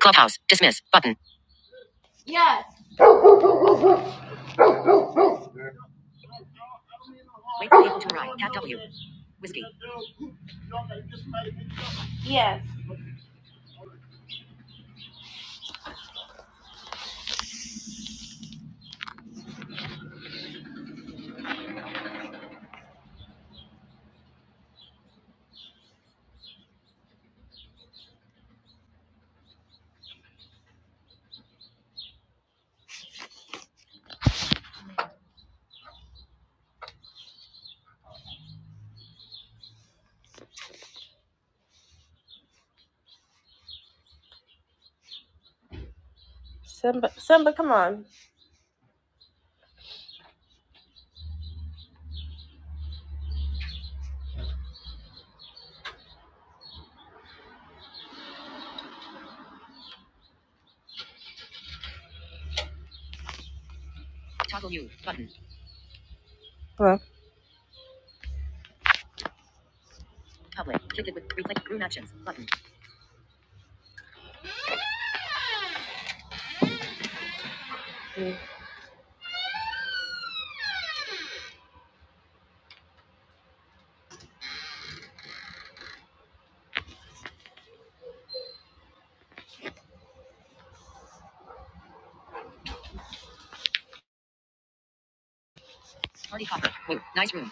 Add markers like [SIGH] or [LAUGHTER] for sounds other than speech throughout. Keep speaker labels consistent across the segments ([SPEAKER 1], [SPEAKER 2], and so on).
[SPEAKER 1] Clubhouse. Dismiss. Button. Wait for people to arrive. Tab W. Whiskey. Simba, Simba, come on. Toggle mute. Button. Hello. Public. Click it with replay. Room actions. Button. Party popper. Move. Nice room.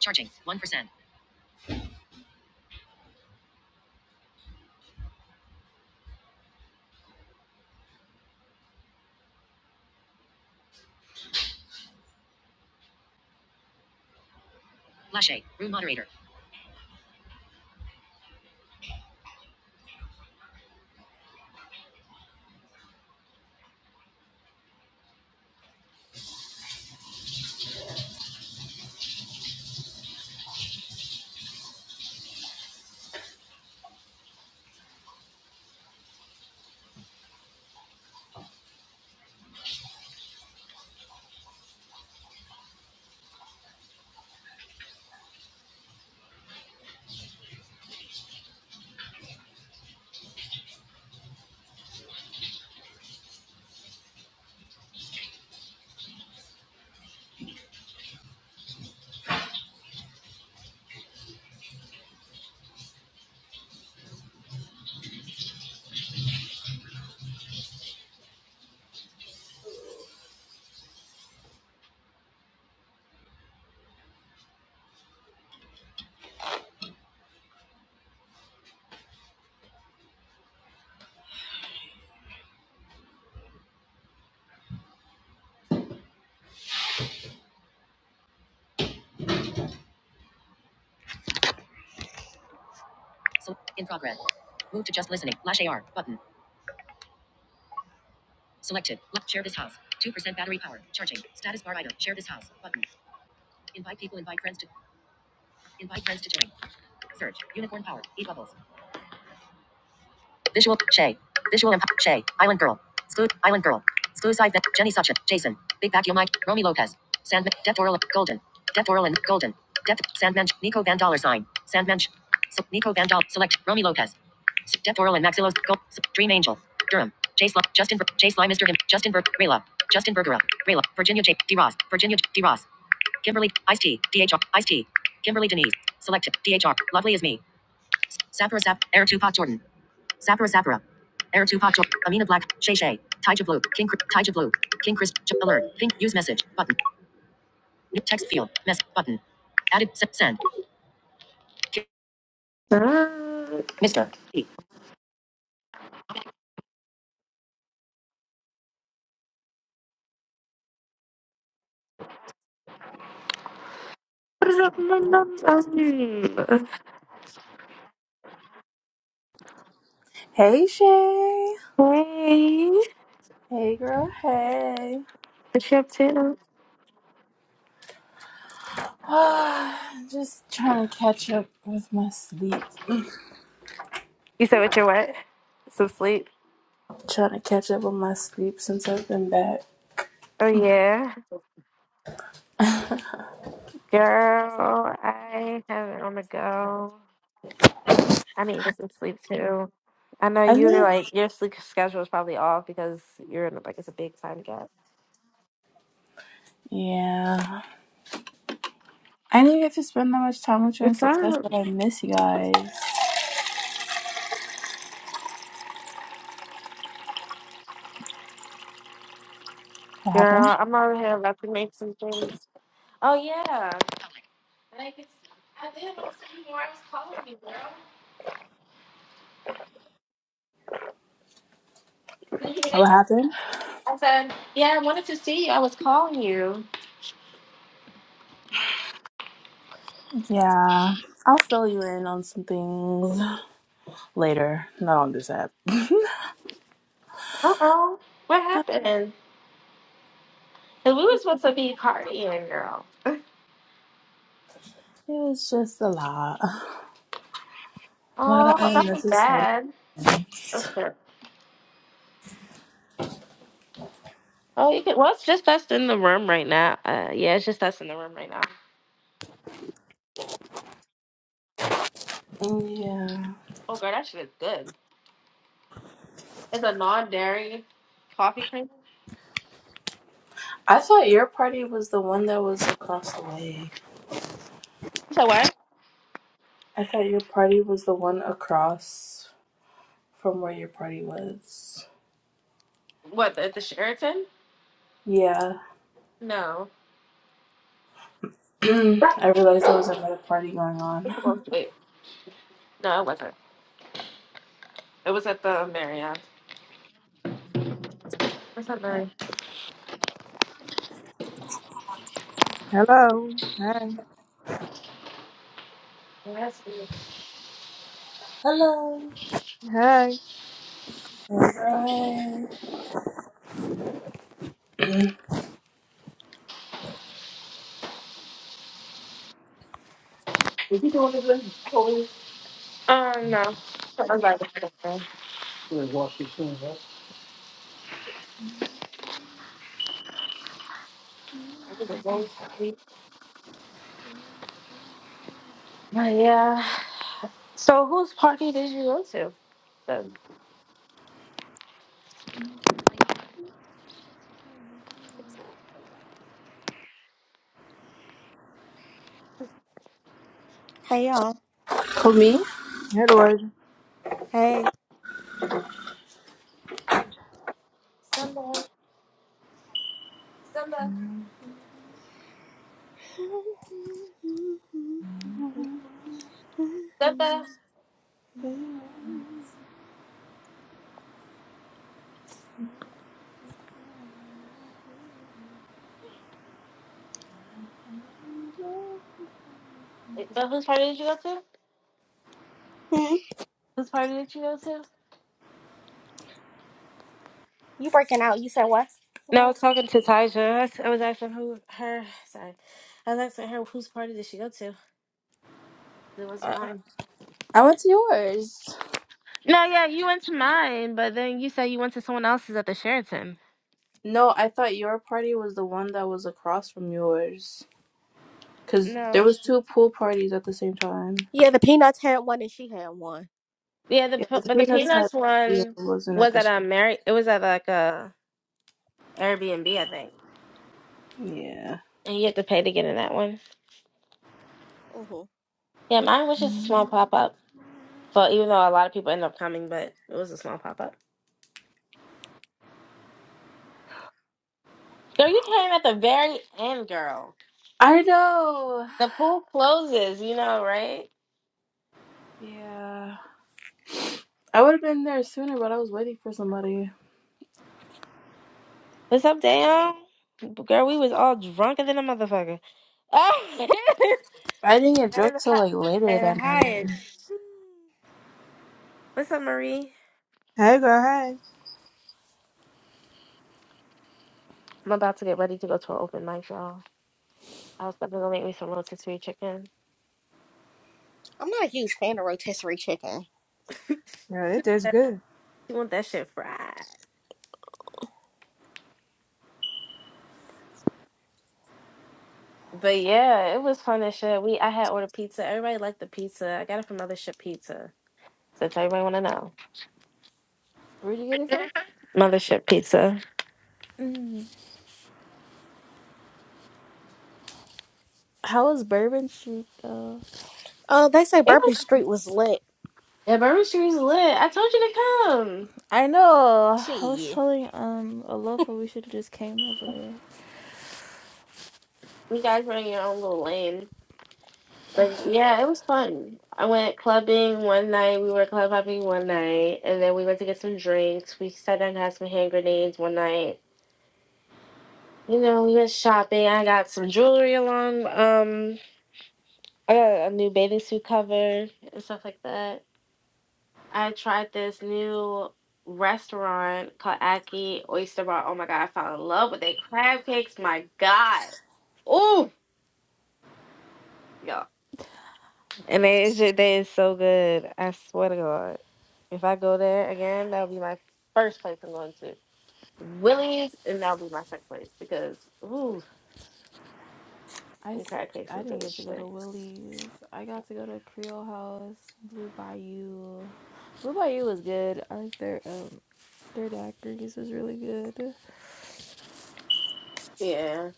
[SPEAKER 1] Charging. 1%. Flash A. Room moderator. So in progress. Move to just listening. Flash AR. Button. Selected. share this house. 2% battery power. Charging. Status bar item. Share this house. Button. Invite people. Invite friends to. Invite friends to join. Search. Unicorn power. E bubbles. Visual Shay. Visual Empire Shay. Island Girl. Stu Island Girl. Stu Side Jenny Suchet. Jason. Big Vacuum Mike. Romy Lopez. Sandman. Deft Oral Golden. Deft Oral and Golden. Deft Sandman. Nico Van Dollar Sign. Sandman. So, Nico Van Dollar. Select Romy Lopez. S- Deft Oral and Maxillos. Gold. Dream Angel. Durham. Jace Love. Justin. Jace Lai. Mr. Him. Justin Berg. Rayla. Justin Bergera. Rayla. Virginia J. D. Ross. Virginia J. D. Ross. Kimberly, Ice T, D H R, Ice T, Kimberly Denise, selected, DHR, lovely as me, Sapphire Sap, Air Tupac Jordan, Zapra Zapra. Air Tupac. Cho- Amina Black. Shay Shay. Taija Blue. King Cri- Taija Blue. King Chris. alert. Pink. Use message. Button. text field. Mess. Button. Added. S- send. Uh, Mr. E. What is up, my numbers?
[SPEAKER 2] Hey Shay.
[SPEAKER 1] Hey,
[SPEAKER 2] Hey girl, hey.
[SPEAKER 1] what you up to?
[SPEAKER 2] [SIGHS] Just trying to catch up with my sleep.
[SPEAKER 1] You said what you're what? Some sleep?
[SPEAKER 2] Trying to catch up with my sleep since I've been back.
[SPEAKER 1] Oh yeah,
[SPEAKER 2] [LAUGHS] I
[SPEAKER 1] girl. I have it on the go. I need to get some sleep too. I know you're
[SPEAKER 2] knew.
[SPEAKER 1] like your sleep schedule is probably off because you're in like it's a big time gap.
[SPEAKER 2] Yeah. I didn't get to spend that much time with you in
[SPEAKER 1] It's fine,
[SPEAKER 2] success, but I miss you guys. What happened?
[SPEAKER 1] girl. I'm over here about to make some things. Oh yeah. Did you hear me
[SPEAKER 2] What
[SPEAKER 1] text?
[SPEAKER 2] happened?
[SPEAKER 1] I said yeah. I wanted to see you. I was calling you.
[SPEAKER 2] Yeah. I'll fill you in on some things later, not on this app. It
[SPEAKER 1] Uh oh. What happened? Cause we were supposed to be partying, girl.
[SPEAKER 2] was just a lot. [SIGHS] A lot of
[SPEAKER 1] Oh, that was
[SPEAKER 2] unnecessary
[SPEAKER 1] bad.
[SPEAKER 2] things.
[SPEAKER 1] Okay. Oh, you could, well, it's just us in the room right now. Uh, yeah, it's just us in the room right now.
[SPEAKER 2] Yeah.
[SPEAKER 1] Oh, girl, that shit is good. It's a non-dairy coffee cream.
[SPEAKER 2] I thought your party was the one that was across the way.
[SPEAKER 1] You said what?
[SPEAKER 2] I thought your party was the one across from where your party was.
[SPEAKER 1] What at the Sheraton?
[SPEAKER 2] Yeah.
[SPEAKER 1] No.
[SPEAKER 2] [CLEARS THROAT] I realized there was another party going
[SPEAKER 1] It's
[SPEAKER 2] on.
[SPEAKER 1] the one- Wait, no, it wasn't. It was at the Marriott. What's that
[SPEAKER 2] [LAUGHS]
[SPEAKER 1] Marriott?
[SPEAKER 3] Hello. Hey.
[SPEAKER 2] Hello.
[SPEAKER 3] Hey.
[SPEAKER 2] Alright.
[SPEAKER 1] Um, no. It was like- Oh, yeah. So whose party did you go to?
[SPEAKER 4] Hey y'all.
[SPEAKER 2] For me?
[SPEAKER 3] Hey, Elijah.
[SPEAKER 4] Hey.
[SPEAKER 1] Simba. Simba. Simba. But whose party did you go to? Whose party did you go to?
[SPEAKER 4] You working out? You said what?
[SPEAKER 1] No, I
[SPEAKER 4] No.
[SPEAKER 1] was talking to Taja. I was I was asking who her. Sorry, I was asking her whose party did she go to. It wasn't
[SPEAKER 4] Oh.
[SPEAKER 1] mine.
[SPEAKER 2] I went to yours.
[SPEAKER 1] No, yeah, you went to mine, but then you said you went to someone else's at the Sheraton.
[SPEAKER 2] No, I thought your party was the one that was across from yours. Cause there
[SPEAKER 1] No.
[SPEAKER 2] was two pool parties at the same time.
[SPEAKER 4] Yeah, the peanuts had one and she had one.
[SPEAKER 1] Yeah, the
[SPEAKER 2] Yeah,
[SPEAKER 1] pe-
[SPEAKER 2] but the
[SPEAKER 1] but the
[SPEAKER 2] peanuts had
[SPEAKER 1] peanuts
[SPEAKER 2] yeah, it
[SPEAKER 1] one
[SPEAKER 2] wasn't at
[SPEAKER 1] was
[SPEAKER 2] the
[SPEAKER 1] at
[SPEAKER 2] sh-
[SPEAKER 1] a Mary. It was at like a Airbnb, I think,
[SPEAKER 2] Yeah.
[SPEAKER 1] and you have to pay to get in that one.
[SPEAKER 4] hmm
[SPEAKER 1] Yeah, mine was just a small pop up. But even though a lot of people end up coming, but it was a small pop up. Girl, you came at the very end, girl.
[SPEAKER 2] I know.
[SPEAKER 1] The pool closes, you know, right?
[SPEAKER 2] Yeah. I would have been there sooner, but I was waiting for somebody.
[SPEAKER 1] What's up, Dale? Girl, we was all drunker than a motherfucker. [LAUGHS]
[SPEAKER 2] I didn't get drunk
[SPEAKER 1] And,
[SPEAKER 2] till
[SPEAKER 1] hi-
[SPEAKER 2] like later
[SPEAKER 1] and
[SPEAKER 2] that
[SPEAKER 1] hi.
[SPEAKER 2] night.
[SPEAKER 1] What's up, Marie?
[SPEAKER 3] Hey, girl. Hey.
[SPEAKER 1] I'm about to get ready to go to an open mic, y'all. I was about to go make me some rotisserie chicken.
[SPEAKER 4] I'm not a huge fan of rotisserie chicken.
[SPEAKER 3] Yeah, it tastes
[SPEAKER 1] That-
[SPEAKER 3] good.
[SPEAKER 1] You want that shit fried? But yeah, it was fun as shit. We I had ordered pizza. Everybody liked the pizza. I got it from Mothership Pizza. So if everybody want to know,
[SPEAKER 2] Where'd you get it from?
[SPEAKER 1] Mothership Pizza.
[SPEAKER 2] Mm. How was Bourbon Street though?
[SPEAKER 4] Oh, they say
[SPEAKER 1] It
[SPEAKER 4] Bourbon
[SPEAKER 1] was.
[SPEAKER 4] Street was lit.
[SPEAKER 1] The Bourbon Street's lit. I told you to come.
[SPEAKER 2] I know. I was
[SPEAKER 4] Shit.
[SPEAKER 2] telling um Alofa we should have just came over there.
[SPEAKER 1] You guys running your own little lane. But yeah, it was fun. I went clubbing one night. We were club hopping one night, and then we went to get some drinks. We sat down and had some hand grenades one night. You know, we went shopping. I got some jewelry along. Um, I got a new bathing suit cover and stuff like that. I tried this new restaurant called Aki Oyster Bar. Oh my god, I fell in love with their crab cakes. My god, ooh, y'all. And they, it's just, they is so good. I swear to God. If I go there again, that'll be my first place I'm going to. Willie's, and that'll be my second place because, ooh,
[SPEAKER 2] I,
[SPEAKER 1] I'm
[SPEAKER 2] s-
[SPEAKER 1] crab cakes
[SPEAKER 2] I
[SPEAKER 1] is
[SPEAKER 2] didn't
[SPEAKER 1] good as
[SPEAKER 2] get to go to
[SPEAKER 1] shit.
[SPEAKER 2] Willie's. I got to go to Creole House, Blue Bayou. Blue Bayou was good. I like their um their daiquiris was really good.
[SPEAKER 1] Yeah.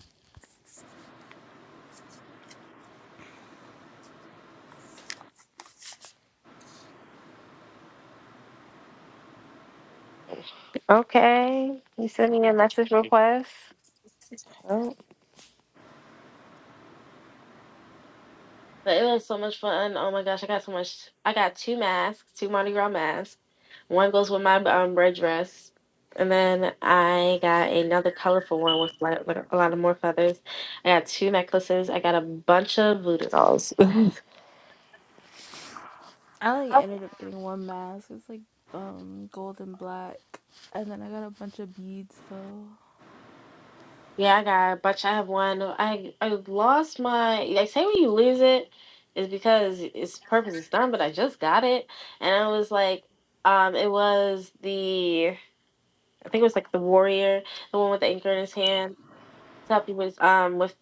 [SPEAKER 1] Okay. You sent me a message request. Oh. But it was so much fun. Oh my gosh, I got so much. I got two masks, two Mardi Gras masks. One goes with my um, red dress. And then I got another colorful one with like, like a lot of more feathers. I got two necklaces. I got a bunch of voodoo dolls. [LAUGHS]
[SPEAKER 2] I only ended up getting one mask. It's like um gold and black, and then I got a bunch of beads though.
[SPEAKER 1] Yeah, I got a bunch. I have one. I I lost my. I say when you lose it, it's because its purpose is done. But I just got it, and I was like, um, it was the I think it was like the warrior, the one with the anchor in his hand. to help you with um with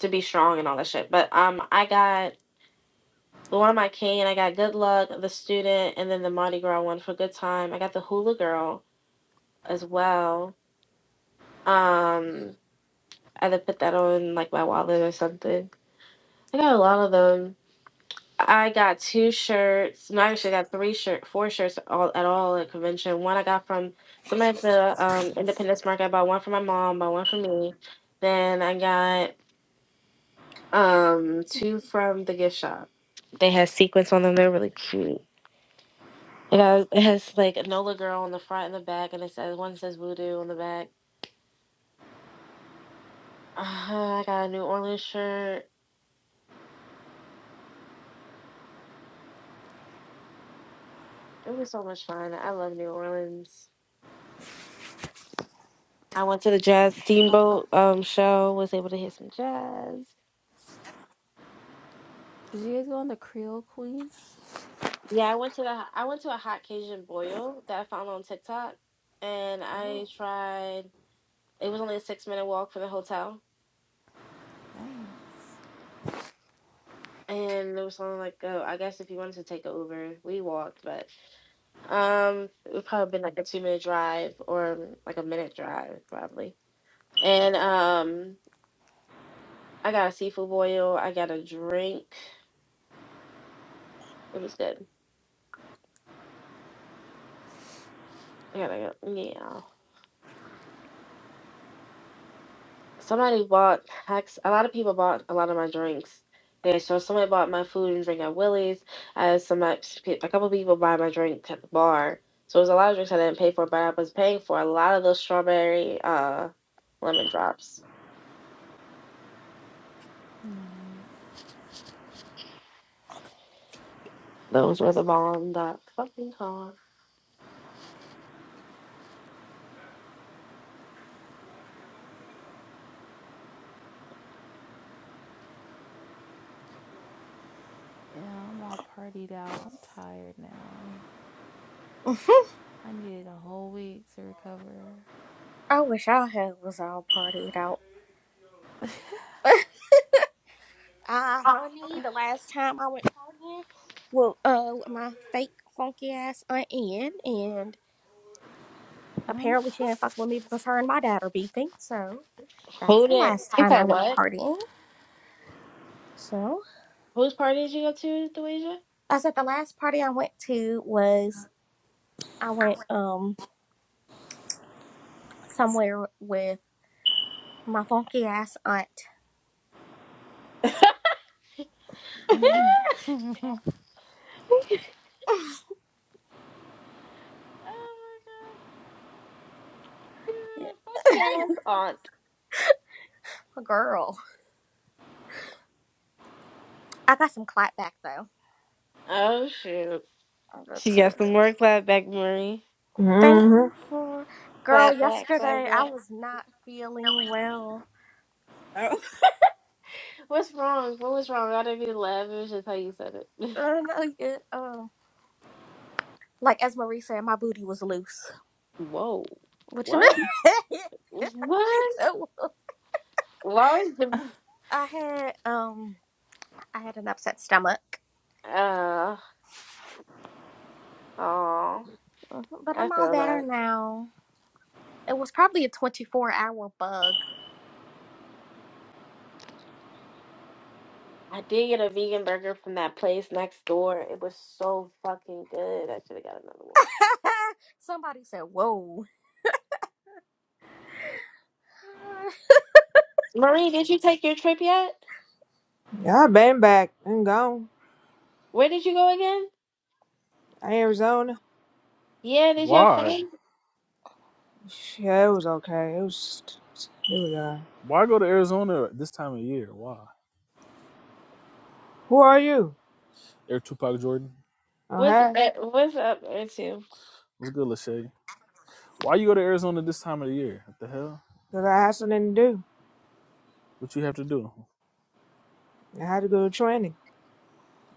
[SPEAKER 1] to be strong and all that shit. But um I got the one of my cane, I got Good Luck, the student, and then the Mardi Gras one for Good Time. I got the Hula Girl as well. Um I had to put that on like my wallet or something. I got a lot of them. I got two shirts. No, I actually I got three shirt, four shirts all at all at convention. One I got from somebody at the um, Independence Market. I bought one for my mom, bought one for me. Then I got Um, two from the gift shop. They had sequins on them. They're really cute. It has, it has like Nola girl on the front and the back, and it says one says voodoo on the back. Uh, I got a New Orleans shirt. It was so much fun. I love New Orleans. I went to the jazz steamboat um show. Was able to hear some jazz.
[SPEAKER 2] Did you guys go on the Creole Queen?
[SPEAKER 1] Yeah, I went to the I went to a hot Cajun boil that I found on TikTok, and
[SPEAKER 2] Oh,
[SPEAKER 1] I tried. It was only a six minute walk from the hotel
[SPEAKER 2] nice,
[SPEAKER 1] and there was someone like, oh, I guess if you wanted to take an Uber, we walked, but um, it would probably been like a two minute drive or like a minute drive probably. And um, I got a seafood boil. I got a drink. It was good. I got a yeah. somebody bought hacks. A lot of people bought a lot of my drinks there. So somebody bought my food and drink at Willie's. I had some a couple people buy my drink at the bar. So it was a lot of drinks I didn't pay for, but I was paying for a lot of those strawberry uh lemon drops.
[SPEAKER 2] nice.
[SPEAKER 1] Those were the bomb. That fucking car.
[SPEAKER 2] Yeah, I'm all partied out. I'm tired now.
[SPEAKER 4] Mhm.
[SPEAKER 2] I needed a whole week to recover.
[SPEAKER 4] I wish I had was all partied out. Ah, honey, the last time I went partying, well, uh, with my fake funky ass aunt Ann, and
[SPEAKER 2] And I'm
[SPEAKER 4] Apparently, she
[SPEAKER 2] [LAUGHS]
[SPEAKER 4] ain't not fuck with me because her and my dad are beefing. So that's
[SPEAKER 1] Who
[SPEAKER 4] the
[SPEAKER 1] did?
[SPEAKER 4] last
[SPEAKER 1] You
[SPEAKER 4] time I
[SPEAKER 1] said
[SPEAKER 4] went
[SPEAKER 1] what?
[SPEAKER 4] partying. So
[SPEAKER 1] Whose party did you go to, Deweja?
[SPEAKER 4] I said the last party I went to was I went um somewhere with my funky ass aunt.
[SPEAKER 1] Oh my god, you're a
[SPEAKER 4] [LAUGHS]
[SPEAKER 1] fucking ass aunt.
[SPEAKER 4] Girl, I got some clap back though.
[SPEAKER 1] Oh shoot.
[SPEAKER 4] I'm
[SPEAKER 1] She got some work left back, Marie.
[SPEAKER 4] Thank you
[SPEAKER 3] Mm-hmm.
[SPEAKER 4] for
[SPEAKER 1] Clap.
[SPEAKER 4] girl. Yesterday I was not feeling well.
[SPEAKER 1] What's wrong? What was wrong? I didn't mean to laugh. It was just how you said it.
[SPEAKER 4] Um, I get, um, like as Marie said, my booty was loose.
[SPEAKER 1] [LAUGHS] Whoa.
[SPEAKER 4] What you
[SPEAKER 1] What?
[SPEAKER 4] mean?
[SPEAKER 1] what?
[SPEAKER 4] [LAUGHS] she said.
[SPEAKER 1] Why was the
[SPEAKER 4] I had um I had an upset stomach,
[SPEAKER 1] uh oh
[SPEAKER 4] Mhm, but
[SPEAKER 1] I
[SPEAKER 4] I'm all
[SPEAKER 1] feel
[SPEAKER 4] better
[SPEAKER 1] that.
[SPEAKER 4] now. It was probably a 24 hour bug.
[SPEAKER 1] I did get a vegan burger from that place next door. It was so fucking good. I should have got another one.
[SPEAKER 4] [LAUGHS] Somebody said, "Whoa." [LAUGHS]
[SPEAKER 1] Marie, did you take your trip yet?
[SPEAKER 3] Yeah, I been back and gone.
[SPEAKER 1] Where did you go again?
[SPEAKER 3] Arizona.
[SPEAKER 1] Yeah, did you have
[SPEAKER 5] Why?
[SPEAKER 1] fun?
[SPEAKER 3] Yeah, it was okay. It was. It was alright.
[SPEAKER 5] Why go to Arizona this time of the year? Why?
[SPEAKER 3] Who are you?
[SPEAKER 5] Air Tupac Jordan.
[SPEAKER 3] Oh,
[SPEAKER 1] What's
[SPEAKER 3] hey.
[SPEAKER 1] eh, what's up there too?
[SPEAKER 5] What's good, Lachey? Why you go to Arizona this time of the year? What the hell?
[SPEAKER 3] Cause I had something to do.
[SPEAKER 5] What you have to do?
[SPEAKER 3] I had to go to training.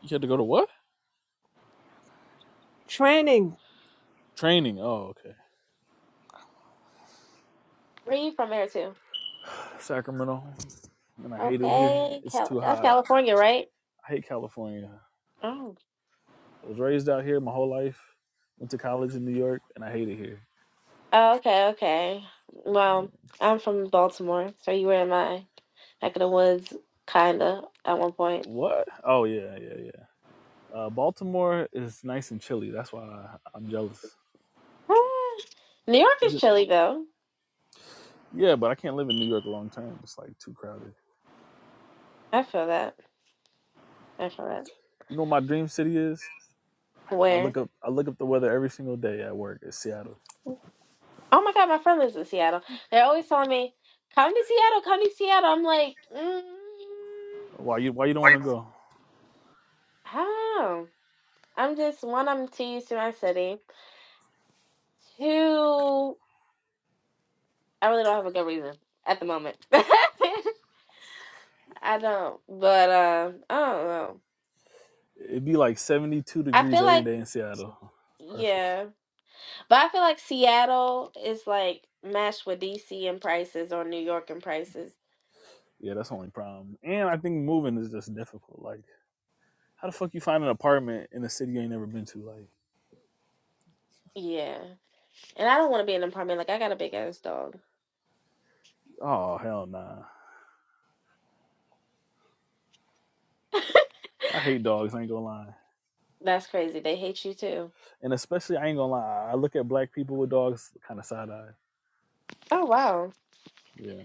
[SPEAKER 5] You had to go to what?
[SPEAKER 3] Training.
[SPEAKER 5] Training. Oh, okay.
[SPEAKER 1] Where you from there too?
[SPEAKER 5] Sacramento. And I hate it here.
[SPEAKER 1] Okay,
[SPEAKER 5] It's
[SPEAKER 1] Cal-
[SPEAKER 5] too
[SPEAKER 1] that's
[SPEAKER 5] hot.
[SPEAKER 1] California, right?
[SPEAKER 5] I hate California.
[SPEAKER 1] Oh.
[SPEAKER 5] I was raised out here my whole life. Went to college in New York, and I hate it here.
[SPEAKER 1] Oh, okay, okay.
[SPEAKER 5] Yeah.
[SPEAKER 1] Well, I'm from Baltimore, so you were in my neck of the woods, kinda, at one point.
[SPEAKER 5] What? Oh yeah, yeah, yeah. Uh, Baltimore is nice and chilly. That's why I, I'm jealous.
[SPEAKER 1] Ah, New York
[SPEAKER 5] Is
[SPEAKER 1] is
[SPEAKER 5] it?
[SPEAKER 1] chilly, though.
[SPEAKER 5] Yeah, but I can't live in New York long term. It's like too crowded.
[SPEAKER 1] I feel that. I feel that.
[SPEAKER 5] You know what my dream city is? I
[SPEAKER 1] Where?
[SPEAKER 5] look up I look up the weather every single day at work. It's Seattle.
[SPEAKER 1] Oh my God, my friend lives in Seattle. They're always telling me, "Come to Seattle, come to Seattle." I'm like, mm,
[SPEAKER 5] Why you why you don't want to go?
[SPEAKER 1] how? I'm just one. I'm too used to my city. Two, I really don't have a good reason at the moment. [LAUGHS] I don't, but uh, I don't know.
[SPEAKER 5] It'd be like 72
[SPEAKER 1] I
[SPEAKER 5] degrees
[SPEAKER 1] feel
[SPEAKER 5] every
[SPEAKER 1] like.
[SPEAKER 5] day in Seattle. It's perfect.
[SPEAKER 1] Yeah. But I feel like Seattle is like matched with DC in prices or New York in prices.
[SPEAKER 5] Yeah, that's the only problem. And I think moving is just difficult. Like how the fuck you find an apartment in a city you ain't never been to? Like,
[SPEAKER 1] Yeah. And I don't want to be in an apartment. Like, I got a big ass dog.
[SPEAKER 5] oh hell nah. I hate dogs, I ain't gonna lie.
[SPEAKER 1] That's crazy. They hate you too.
[SPEAKER 5] And especially I ain't gonna lie, I look at black people with dogs kinda side eye.
[SPEAKER 1] Oh, wow.
[SPEAKER 5] Yeah.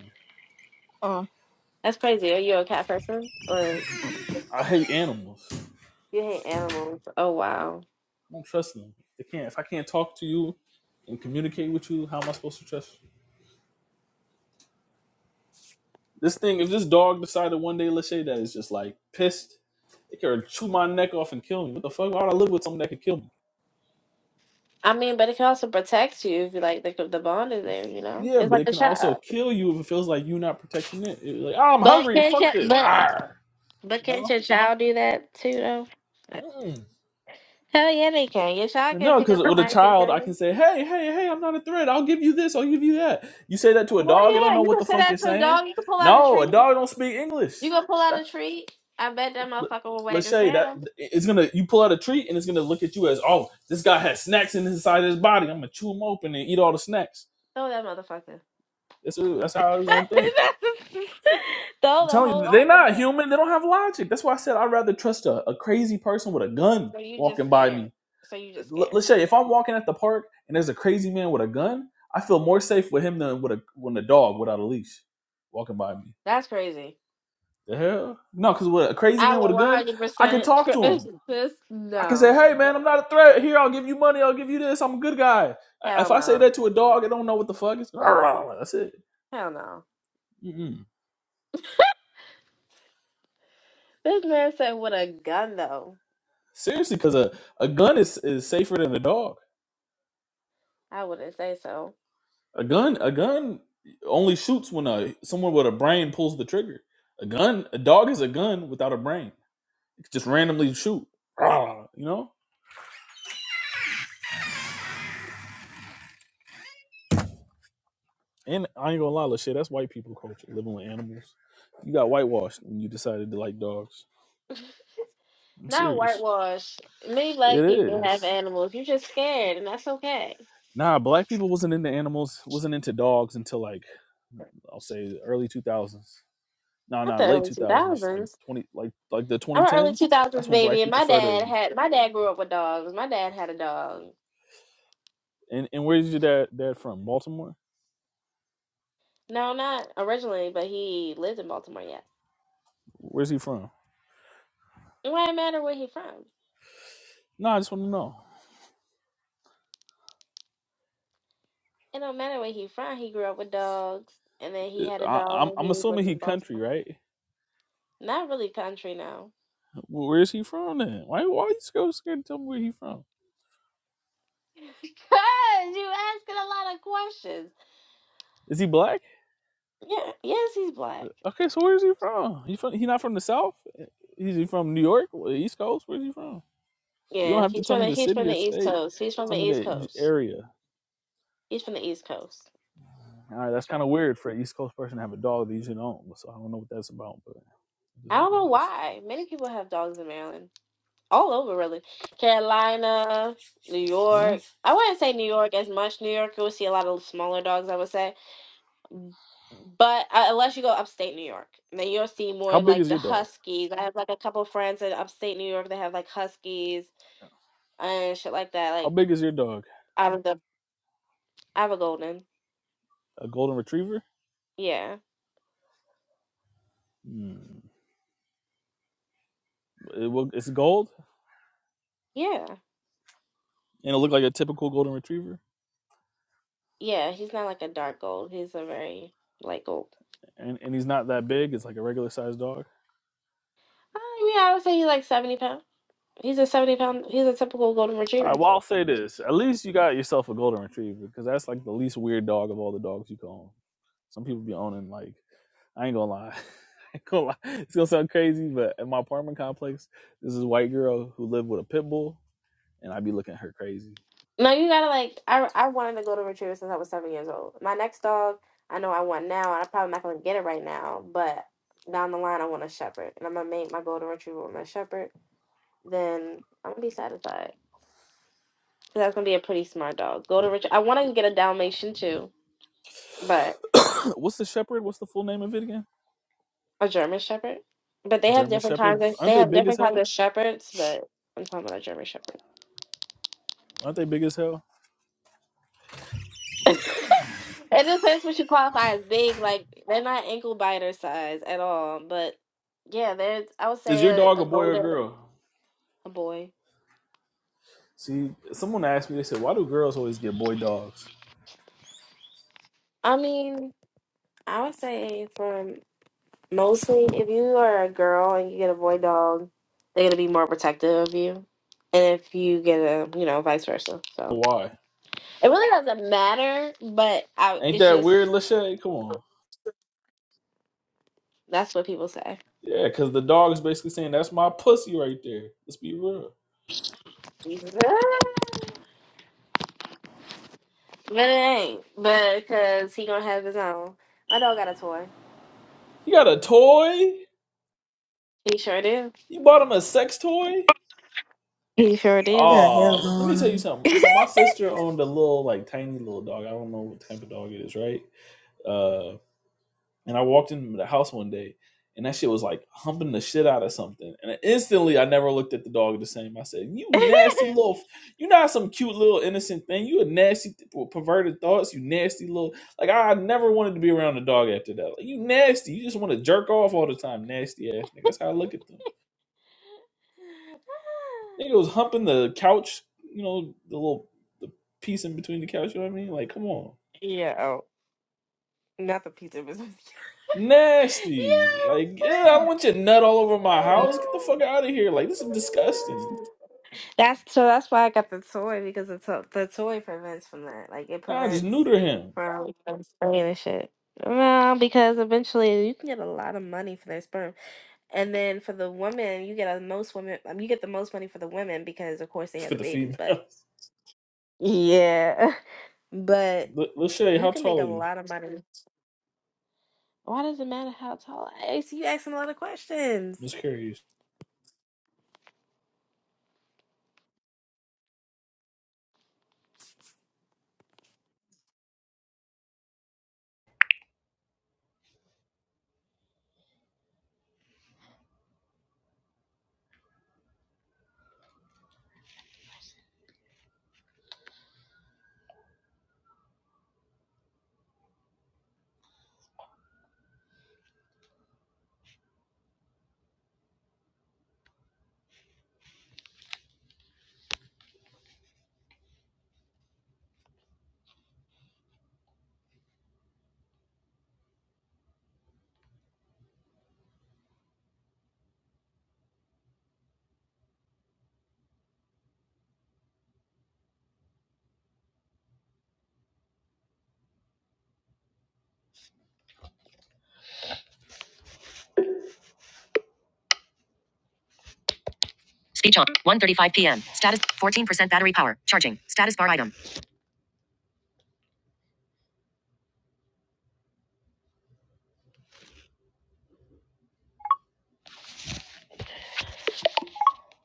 [SPEAKER 4] Uh,
[SPEAKER 1] That's crazy. Are you a cat person? Or
[SPEAKER 5] I hate animals. I
[SPEAKER 1] you hate animals? Oh, wow.
[SPEAKER 5] don't trust them. They can't if I can't talk to you and communicate with you, how am I supposed to trust you? This thing, if this dog decided one day, let's say that it's just like pissed, it could chew my neck off and kill me. What the fuck? Why would I live with something that could kill me?
[SPEAKER 1] I mean, but it can also protect you if you like the, the bond is there, you know?
[SPEAKER 5] Yeah,
[SPEAKER 1] It's
[SPEAKER 5] but
[SPEAKER 1] like
[SPEAKER 5] it
[SPEAKER 1] a
[SPEAKER 5] can also
[SPEAKER 1] child.
[SPEAKER 5] kill you if it feels like you're not protecting it. It's like, oh, I'm
[SPEAKER 1] But
[SPEAKER 5] hungry.
[SPEAKER 1] can't
[SPEAKER 5] Fuck
[SPEAKER 1] your,
[SPEAKER 5] this.
[SPEAKER 1] but,
[SPEAKER 5] Arr!
[SPEAKER 1] but
[SPEAKER 5] You
[SPEAKER 1] can't
[SPEAKER 5] know?
[SPEAKER 1] your child do that too, though?
[SPEAKER 5] Mm-mm.
[SPEAKER 1] Hell yeah, they can. Your child can
[SPEAKER 5] No,
[SPEAKER 1] pick
[SPEAKER 5] because
[SPEAKER 1] up a
[SPEAKER 5] with a
[SPEAKER 1] knife and
[SPEAKER 5] child,
[SPEAKER 1] kill
[SPEAKER 5] I
[SPEAKER 1] you.
[SPEAKER 5] can say, hey, hey, hey, I'm not a threat. I'll give you this. I'll give you that. You say that to a dog, it
[SPEAKER 1] Oh
[SPEAKER 5] don't
[SPEAKER 1] yeah,
[SPEAKER 5] know
[SPEAKER 1] you
[SPEAKER 5] what
[SPEAKER 1] can
[SPEAKER 5] the
[SPEAKER 1] say
[SPEAKER 5] fuck you're
[SPEAKER 1] that to a
[SPEAKER 5] saying.
[SPEAKER 1] dog. You can pull out a
[SPEAKER 5] No, a
[SPEAKER 1] tree.
[SPEAKER 5] dog don't speak English.
[SPEAKER 1] You gonna pull out a tree? I bet that motherfucker will wag his
[SPEAKER 5] Lachey, that
[SPEAKER 1] tail.
[SPEAKER 5] it's gonna you pull out a treat and it's gonna look at you as oh this guy has snacks in his side of his body. I'm gonna chew him open and eat all the snacks.
[SPEAKER 1] Throw that motherfucker.
[SPEAKER 5] That's that's how it's gonna think.
[SPEAKER 1] [LAUGHS]
[SPEAKER 5] I'm
[SPEAKER 1] Throw the
[SPEAKER 5] telling
[SPEAKER 1] whole
[SPEAKER 5] you, they're
[SPEAKER 1] fucking
[SPEAKER 5] not
[SPEAKER 1] bus.
[SPEAKER 5] human. They don't have logic. That's why I said I'd rather trust a, a crazy person with a gun
[SPEAKER 1] So you just
[SPEAKER 5] walking by
[SPEAKER 1] scared.
[SPEAKER 5] me.
[SPEAKER 1] So you just
[SPEAKER 5] L-
[SPEAKER 1] scared.
[SPEAKER 5] Lachey, if I'm walking at the park and there's a crazy man with a gun, I feel more safe with him than with a when a dog without a leash walking by me.
[SPEAKER 1] That's crazy.
[SPEAKER 5] The hell? No, because with a crazy
[SPEAKER 1] I
[SPEAKER 5] man with
[SPEAKER 1] will
[SPEAKER 5] a
[SPEAKER 1] one
[SPEAKER 5] gun,
[SPEAKER 1] hundred
[SPEAKER 5] I could
[SPEAKER 1] percent
[SPEAKER 5] talk to
[SPEAKER 1] trust
[SPEAKER 5] him.
[SPEAKER 1] this.
[SPEAKER 5] I can say,
[SPEAKER 1] No,
[SPEAKER 5] hey man, I'm not a threat. Here, I'll give you money. I'll give you this. I'm a good guy. If
[SPEAKER 1] hell
[SPEAKER 5] I say
[SPEAKER 1] no,
[SPEAKER 5] that to a dog, it don't know what the fuck it's. That's it.
[SPEAKER 1] hell no.
[SPEAKER 5] Mm-mm.
[SPEAKER 1] This man said with a gun though.
[SPEAKER 5] Seriously, because a, a gun is, is safer than a dog.
[SPEAKER 1] I wouldn't say so.
[SPEAKER 5] A gun a gun only shoots when a someone with a brain pulls the trigger. A gun a dog is a gun without a brain. It could just randomly shoot. Rawr, You know. And I ain't gonna lie, shit. That's white people culture living with animals. You got whitewashed when you decided to like dogs.
[SPEAKER 1] [LAUGHS]
[SPEAKER 5] I'm
[SPEAKER 1] Not
[SPEAKER 5] serious.
[SPEAKER 1] whitewash. Many
[SPEAKER 5] It
[SPEAKER 1] black people
[SPEAKER 5] is.
[SPEAKER 1] have animals. You're just scared, and that's okay.
[SPEAKER 5] Nah, black people wasn't into animals, wasn't into dogs until like I'll say early two thousands. No,
[SPEAKER 1] Not
[SPEAKER 5] no,
[SPEAKER 1] the
[SPEAKER 5] late
[SPEAKER 1] early
[SPEAKER 5] two
[SPEAKER 1] two
[SPEAKER 5] thousands, like
[SPEAKER 1] thousands.
[SPEAKER 5] twenty, like like the twenty
[SPEAKER 1] I'm an early two
[SPEAKER 5] tens.
[SPEAKER 1] thousands
[SPEAKER 5] That's when
[SPEAKER 1] baby,
[SPEAKER 5] black
[SPEAKER 1] and
[SPEAKER 5] people
[SPEAKER 1] my dad
[SPEAKER 5] started.
[SPEAKER 1] had my dad grew up with dogs. My dad had a dog.
[SPEAKER 5] And and where's your dad dad from? Baltimore.
[SPEAKER 1] No, not originally, but he lived in Baltimore. Yes.
[SPEAKER 5] Where's he from?
[SPEAKER 1] It do not matter where he from.
[SPEAKER 5] No, I just want to know.
[SPEAKER 1] It don't matter where he from. He grew up with dogs, and then he had a
[SPEAKER 5] I,
[SPEAKER 1] dog
[SPEAKER 5] I'm
[SPEAKER 1] when
[SPEAKER 5] I'm
[SPEAKER 1] he was
[SPEAKER 5] assuming
[SPEAKER 1] living
[SPEAKER 5] he
[SPEAKER 1] in
[SPEAKER 5] country,
[SPEAKER 1] Baltimore.
[SPEAKER 5] right?
[SPEAKER 1] Not really country now.
[SPEAKER 5] Where's he from then? Why why are you so scared to tell me where he from?
[SPEAKER 1] [LAUGHS] Cause you asking a lot of questions.
[SPEAKER 5] Is he black?
[SPEAKER 1] Yeah. Yes, he's
[SPEAKER 5] Uh,
[SPEAKER 1] black.
[SPEAKER 5] Okay, so where's he from? He from he not from the south? Is he from New York, East Coast? Where's he from? You don't
[SPEAKER 1] Yeah.
[SPEAKER 5] have to
[SPEAKER 1] He's
[SPEAKER 5] tell
[SPEAKER 1] from
[SPEAKER 5] me
[SPEAKER 1] the
[SPEAKER 5] the
[SPEAKER 1] he's
[SPEAKER 5] city
[SPEAKER 1] from the
[SPEAKER 5] or
[SPEAKER 1] East
[SPEAKER 5] state.
[SPEAKER 1] Coast. He's from
[SPEAKER 5] Tell
[SPEAKER 1] the
[SPEAKER 5] me
[SPEAKER 1] East
[SPEAKER 5] the j-
[SPEAKER 1] Coast.
[SPEAKER 5] area.
[SPEAKER 1] He's from the East Coast.
[SPEAKER 5] All right, that's kind of weird for an East Coast person to have a dog that you should own. So I don't know what that's about, but it is
[SPEAKER 1] I
[SPEAKER 5] what
[SPEAKER 1] don't
[SPEAKER 5] it
[SPEAKER 1] know
[SPEAKER 5] is.
[SPEAKER 1] why. Many people have dogs in Maryland. All over, really. Carolina, New
[SPEAKER 5] Huh?
[SPEAKER 1] York. I wouldn't say New York as much. New York, you'll see a lot of smaller dogs, I would say. But uh, unless you go upstate New York, then you'll see
[SPEAKER 5] How
[SPEAKER 1] more
[SPEAKER 5] big
[SPEAKER 1] like
[SPEAKER 5] is
[SPEAKER 1] the
[SPEAKER 5] your dog?
[SPEAKER 1] Huskies. I have like a couple friends in upstate New York that have like Huskies and shit like that.
[SPEAKER 5] How
[SPEAKER 1] Like,
[SPEAKER 5] big is your dog?
[SPEAKER 1] out of the, I have a golden.
[SPEAKER 5] A golden retriever?
[SPEAKER 1] Yeah.
[SPEAKER 5] Hmm. It will, it's gold,
[SPEAKER 1] Yeah.
[SPEAKER 5] and it look like a typical golden retriever,
[SPEAKER 1] Yeah. He's not like a dark gold. He's a very light gold.
[SPEAKER 5] and and he's not that big. It's like a regular sized dog.
[SPEAKER 1] Uh, yeah, I would say he's like 70 pounds. He's a seventy pound. He's a typical golden
[SPEAKER 5] All
[SPEAKER 1] retriever.
[SPEAKER 5] right. Well, I'll say this: at least you got yourself a golden retriever, because that's like the least weird dog of all the dogs you can own. Some people be owning like I ain't gonna lie. [LAUGHS] I ain't gonna lie. It's gonna sound crazy, but in my apartment complex, this is a white girl who lived with a pit bull, and I be looking at her crazy.
[SPEAKER 1] No, you gotta like. I I wanted a golden retriever since I was seven years old. My next dog, I know I want now, and I'm probably not gonna get it right now. But down the line, I want a shepherd, and I'm gonna make my golden retriever my shepherd. Then I'm gonna be satisfied. 'Cause that's gonna be a pretty smart dog.
[SPEAKER 5] Yeah.
[SPEAKER 1] Golden retriever. I want to get a Dalmatian too, but
[SPEAKER 5] [COUGHS] [CLEARS THROAT] What's the shepherd? What's the full name of it again?
[SPEAKER 1] a German shepherd. But
[SPEAKER 5] A
[SPEAKER 1] they have
[SPEAKER 5] German
[SPEAKER 1] different
[SPEAKER 5] shepherd.
[SPEAKER 1] kinds of.
[SPEAKER 5] Aren't
[SPEAKER 1] They
[SPEAKER 5] they
[SPEAKER 1] have
[SPEAKER 5] big as
[SPEAKER 1] different kinds
[SPEAKER 5] hell?
[SPEAKER 1] of shepherds, but I'm talking about a German shepherd.
[SPEAKER 5] Aren't they big as hell?
[SPEAKER 1] [LAUGHS] It depends what you qualify as big. Like they're not ankle biter size at all. But yeah, there's I would
[SPEAKER 5] Is your
[SPEAKER 1] say a,
[SPEAKER 5] dog
[SPEAKER 1] a
[SPEAKER 5] a boy or a
[SPEAKER 1] golden
[SPEAKER 5] girl?
[SPEAKER 1] a boy.
[SPEAKER 5] See, someone asked me. They said, "Why do girls always get boy dogs?
[SPEAKER 1] I mean, I would say from mostly if you are a girl and you get a boy dog, they're gonna be more protective of you. And if you get a you know, vice versa. So
[SPEAKER 5] Why?
[SPEAKER 1] it really doesn't matter, but I
[SPEAKER 5] Ain't
[SPEAKER 1] it's
[SPEAKER 5] that
[SPEAKER 1] just
[SPEAKER 5] weird, Lachey? Come on."
[SPEAKER 1] that's what people say.
[SPEAKER 5] Yeah, because the dog is basically saying, "That's my pussy right there." Let's be real.
[SPEAKER 1] [LAUGHS] But it ain't. But because he gonna have his own. My dog got a toy.
[SPEAKER 5] He got a toy.
[SPEAKER 1] He sure do.
[SPEAKER 5] You bought him a sex toy?
[SPEAKER 1] He sure do.
[SPEAKER 3] Yeah, hell's
[SPEAKER 5] Oh, let me
[SPEAKER 3] going
[SPEAKER 5] tell you
[SPEAKER 3] on.
[SPEAKER 5] something. So my sister owned a little, like, tiny little dog. I don't know what type of dog it is, right? Uh, and I walked into the house one day, and that shit was like humping the shit out of something. And instantly, I never looked at the dog the same. I said, "You nasty little, f- you not some cute little innocent thing. You a nasty perverted thoughts. You nasty little, like I never wanted to be around the dog after that. Like you nasty. You just want to jerk off all the time, nasty ass nigga. That's how I look at them." Nigga was humping the couch, you know, the little the piece in between the couch, you know what I mean? Like, come on.
[SPEAKER 1] Yeah. Oh, not the pizza business. [LAUGHS]
[SPEAKER 5] Nasty. Like, yeah, I don't
[SPEAKER 1] yeah.
[SPEAKER 5] want your nut all over my house. Get the fuck out of here. Like, this is disgusting.
[SPEAKER 1] That's so. That's why I got the toy because the to- the toy prevents from that. Like it
[SPEAKER 5] Nah, just
[SPEAKER 1] prevents
[SPEAKER 5] neuter him
[SPEAKER 1] from from spraying and shit. Well, because eventually you can get a lot of money for their sperm, and then for the women, you get the most women. um, You get the most money for the women because, of course,
[SPEAKER 5] [LAUGHS]
[SPEAKER 1] they have
[SPEAKER 5] for
[SPEAKER 1] the
[SPEAKER 5] the
[SPEAKER 1] babies.
[SPEAKER 5] female.
[SPEAKER 1] But yeah, [LAUGHS] but
[SPEAKER 5] [LAUGHS] L- Lachey,
[SPEAKER 1] you
[SPEAKER 5] how
[SPEAKER 1] can make a
[SPEAKER 5] tall are you?
[SPEAKER 1] lot of money. Why does it matter how tall? I see you asking a lot of questions.
[SPEAKER 5] I'm Just curious.
[SPEAKER 1] Speech on. one thirty-five p.m. Status 14% battery power. Charging. Status bar item.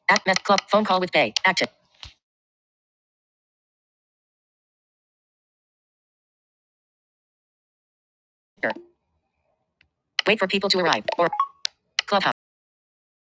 [SPEAKER 1] Act mess club. Phone call with Bay. active. Wait for people to arrive. Or clubhouse.